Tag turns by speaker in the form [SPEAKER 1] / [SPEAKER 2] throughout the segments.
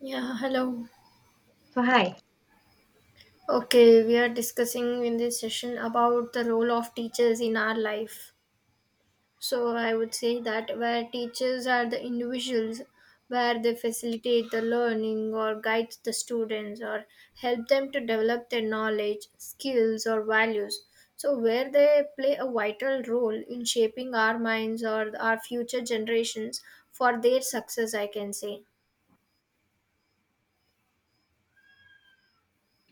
[SPEAKER 1] Yeah, hello.
[SPEAKER 2] So, hi.
[SPEAKER 1] Okay, we are discussing in this session about the role of teachers in our life. So, I would say that where teachers are the individuals where they facilitate the learning or guide the students or help them to develop their knowledge, skills, or values. So, where they play a vital role in shaping our minds or our future generations for their success, I can say.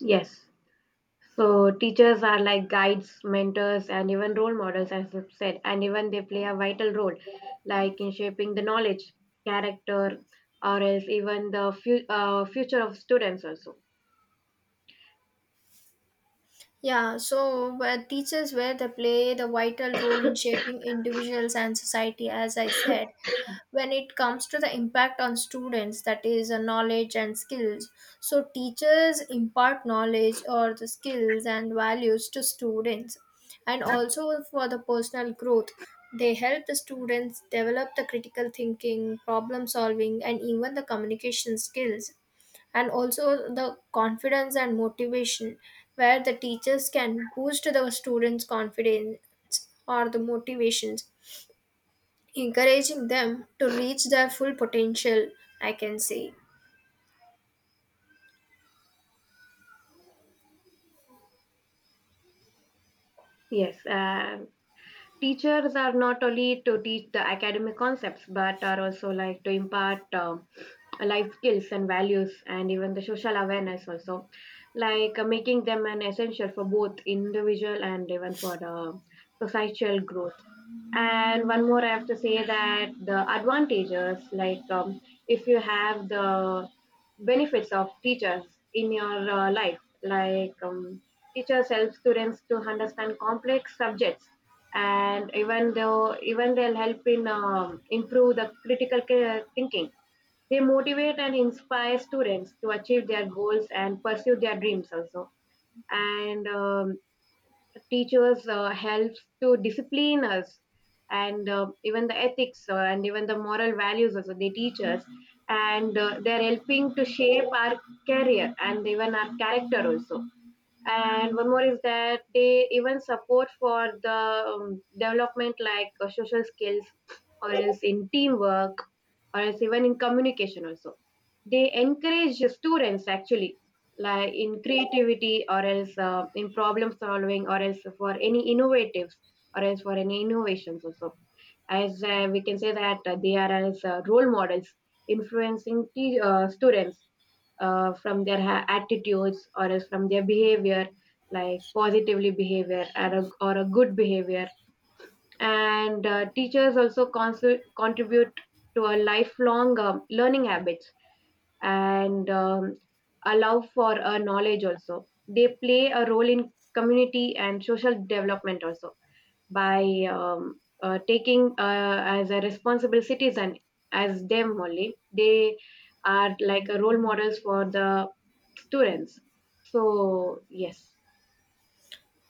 [SPEAKER 2] Yes. So, teachers are like guides, mentors, and even role models, as I've said, and even they play a vital role, like in shaping the knowledge, character, or else even the future of students, also.
[SPEAKER 1] Yeah, so where teachers where they play the vital role in shaping individuals and society, as I said, when it comes to the impact on students, that is knowledge and skills. So teachers impart knowledge or the skills and values to students, and also for the personal growth. They help the students develop the critical thinking, problem solving, and even the communication skills and also the confidence and motivation where the teachers can boost the students confidence or the motivations, encouraging them to reach their full potential, I can say.
[SPEAKER 2] Yes. Teachers are not only to teach the academic concepts, but are also like to impart. Life skills and values and even the social awareness also, like making them an essential for both individual and even for societal growth. And one more I have to say that the advantages, like if you have the benefits of teachers in your life, like teachers help students to understand complex subjects, and even though even they'll help in improve the critical thinking. They motivate and inspire students to achieve their goals and pursue their dreams also. And Teachers helps to discipline us, and even the ethics and even the moral values also they teach us, and they're helping to shape our career and even our character also. And one more is that they even support for the development, like social skills or else in teamwork or else even in communication also. They encourage students actually, like in creativity or else in problem solving or else for any innovatives or else for any innovations also. As we can say that they are as role models, influencing students from their attitudes or else from their behavior, like positively behavior or a good behavior. And teachers also contribute to a lifelong learning habits, and allow for knowledge also. They play a role in community and social development also by taking as a responsible citizen, as them only. They are like a role models for the students. So yes.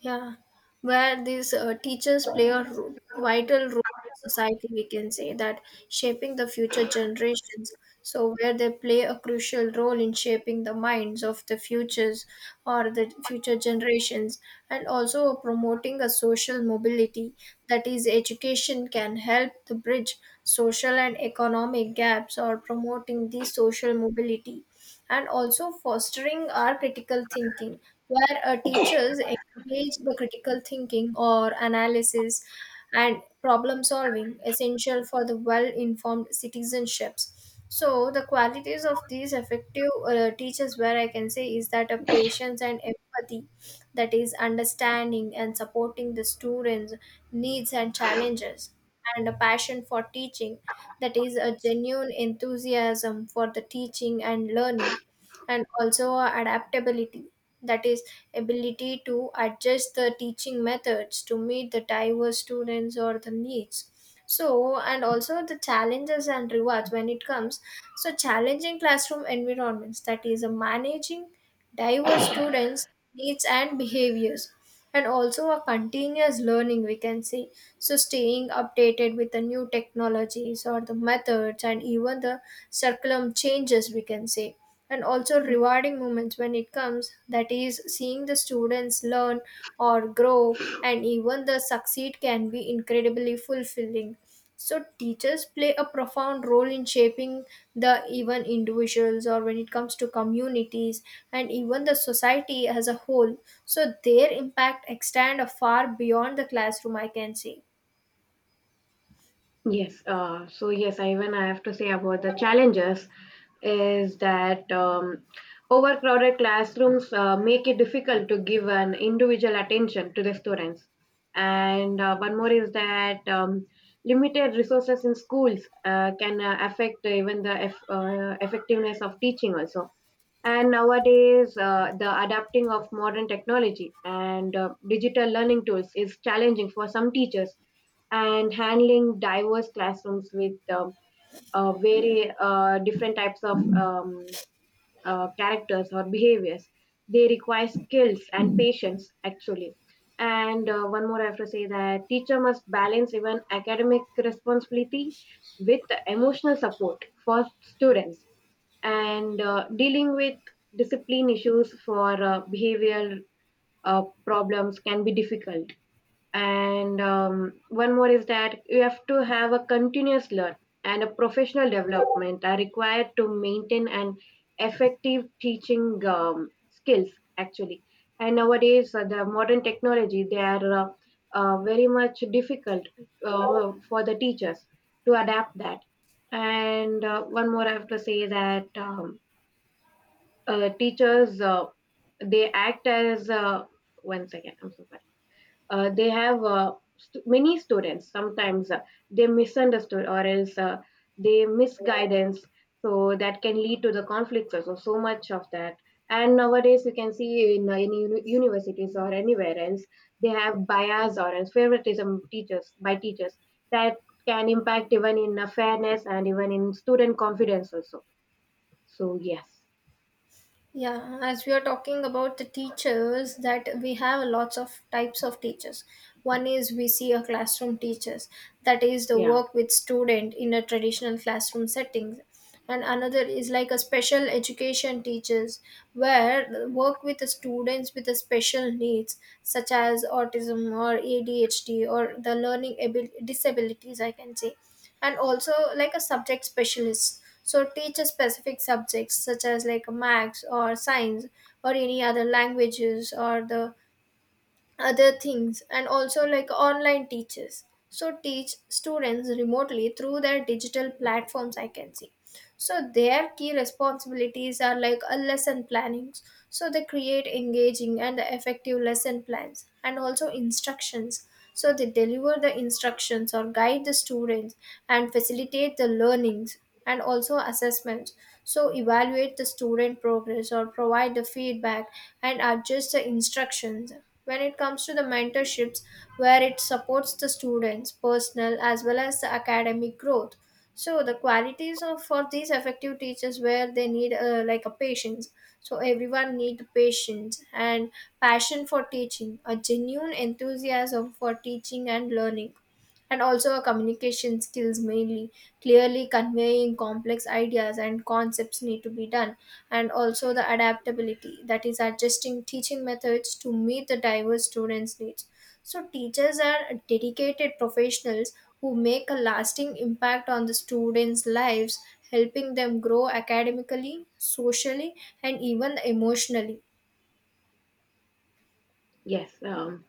[SPEAKER 1] Yeah, where these teachers play a vital role in society, we can say that shaping the future generations. So, where they play a crucial role in shaping the minds of the futures or the future generations, and also promoting a social mobility. That is, education can help to bridge social and economic gaps or promoting the social mobility and also fostering our critical thinking, where teachers encourage the critical thinking or analysis and problem solving, essential for the well informed citizenships. So, the qualities of these effective teachers, where I can say, is that a patience and empathy, that is understanding and supporting the students needs and challenges, and a passion for teaching, that is a genuine enthusiasm for the teaching and learning, and also a adaptability, that is ability to adjust the teaching methods to meet the diverse students or the needs. So and also the challenges and rewards when it comes, so challenging classroom environments, that is a managing diverse students needs and behaviors, and also a continuous learning we can say, so staying updated with the new technologies or the methods and even the curriculum changes we can say, and also rewarding moments when it comes, that is seeing the students learn or grow and even the succeed can be incredibly fulfilling. So teachers play a profound role in shaping the even individuals or when it comes to communities and even the society as a whole. So their impact extend far beyond the classroom, I can say.
[SPEAKER 2] Yes, I have to say about the challenges is that overcrowded classrooms make it difficult to give an individual attention to the students. And one more is that limited resources in schools can affect even the effectiveness of teaching also. And nowadays the adapting of modern technology and digital learning tools is challenging for some teachers. And handling diverse classrooms with very different types of characters or behaviors, they require skills and patience actually. And one more I have to say that teacher must balance even academic responsibility with the emotional support for students. And dealing with discipline issues for behavioral problems can be difficult. And one more is that you have to have a continuous learn and a professional development are required to maintain an effective teaching skills actually. And nowadays the modern technology they are very much difficult for the teachers to adapt that. And one more I have to say that teachers they act as one second, I'm so sorry. They have many students sometimes they misunderstood or else they misguidance, so that can lead to the conflicts also, so much of that. And nowadays you can see in any universities or anywhere else, they have bias or else favoritism teachers by teachers, that can impact even in fairness and even in student confidence also. So yes.
[SPEAKER 1] Yeah, as we are talking about the teachers, that we have lots of types of teachers. One is we see a classroom teachers, that is the
[SPEAKER 2] Yeah.
[SPEAKER 1] work with student in a traditional classroom settings. And another is like a special education teachers, where the work with the students with the special needs, such as autism or ADHD or the learning disabilities, I can say, and also like a subject specialist so teach a specific subjects such as like maths or science or any other languages or the other things, and also like online teachers so teach students remotely through their digital platforms, I can see. So their key responsibilities are like a lesson planning. So they create engaging and effective lesson plans and also instructions. So they deliver the instructions or guide the students and facilitate the learnings, and also assessments. So evaluate the student progress or provide the feedback and adjust the instructions. When it comes to the mentorships, where it supports the students' personal as well as the academic growth, so the qualities of for these effective teachers where they need like a patience, so everyone need patience, and passion for teaching, a genuine enthusiasm for teaching and learning, and also a communication skills mainly, clearly conveying complex ideas and concepts need to be done, and also the adaptability, that is adjusting teaching methods to meet the diverse students needs. So, teachers are dedicated professionals who make a lasting impact on the students' lives, helping them grow academically, socially, and even emotionally.
[SPEAKER 2] yes um,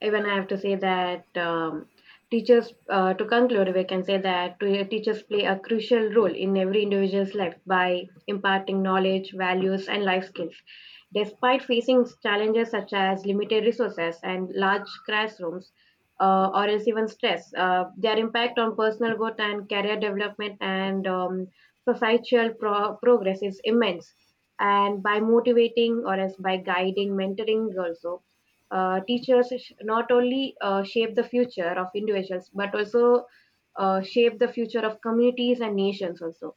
[SPEAKER 2] Even I have to say that teachers, to conclude, we can say that teachers play a crucial role in every individual's life by imparting knowledge, values, and life skills. Despite facing challenges such as limited resources and large classrooms, or else even stress, their impact on personal growth and career development and societal progress is immense. And by motivating or as by guiding, mentoring also, teachers not only shape the future of individuals but also shape the future of communities and nations also.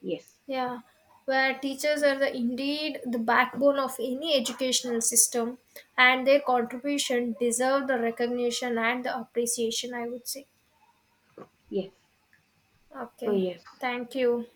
[SPEAKER 2] Yes.
[SPEAKER 1] Yeah, where teachers are the, indeed the backbone of any educational system, and their contribution deserve the recognition and the appreciation, I would say.
[SPEAKER 2] Yes. So
[SPEAKER 1] Okay,
[SPEAKER 2] yes.
[SPEAKER 1] thank you.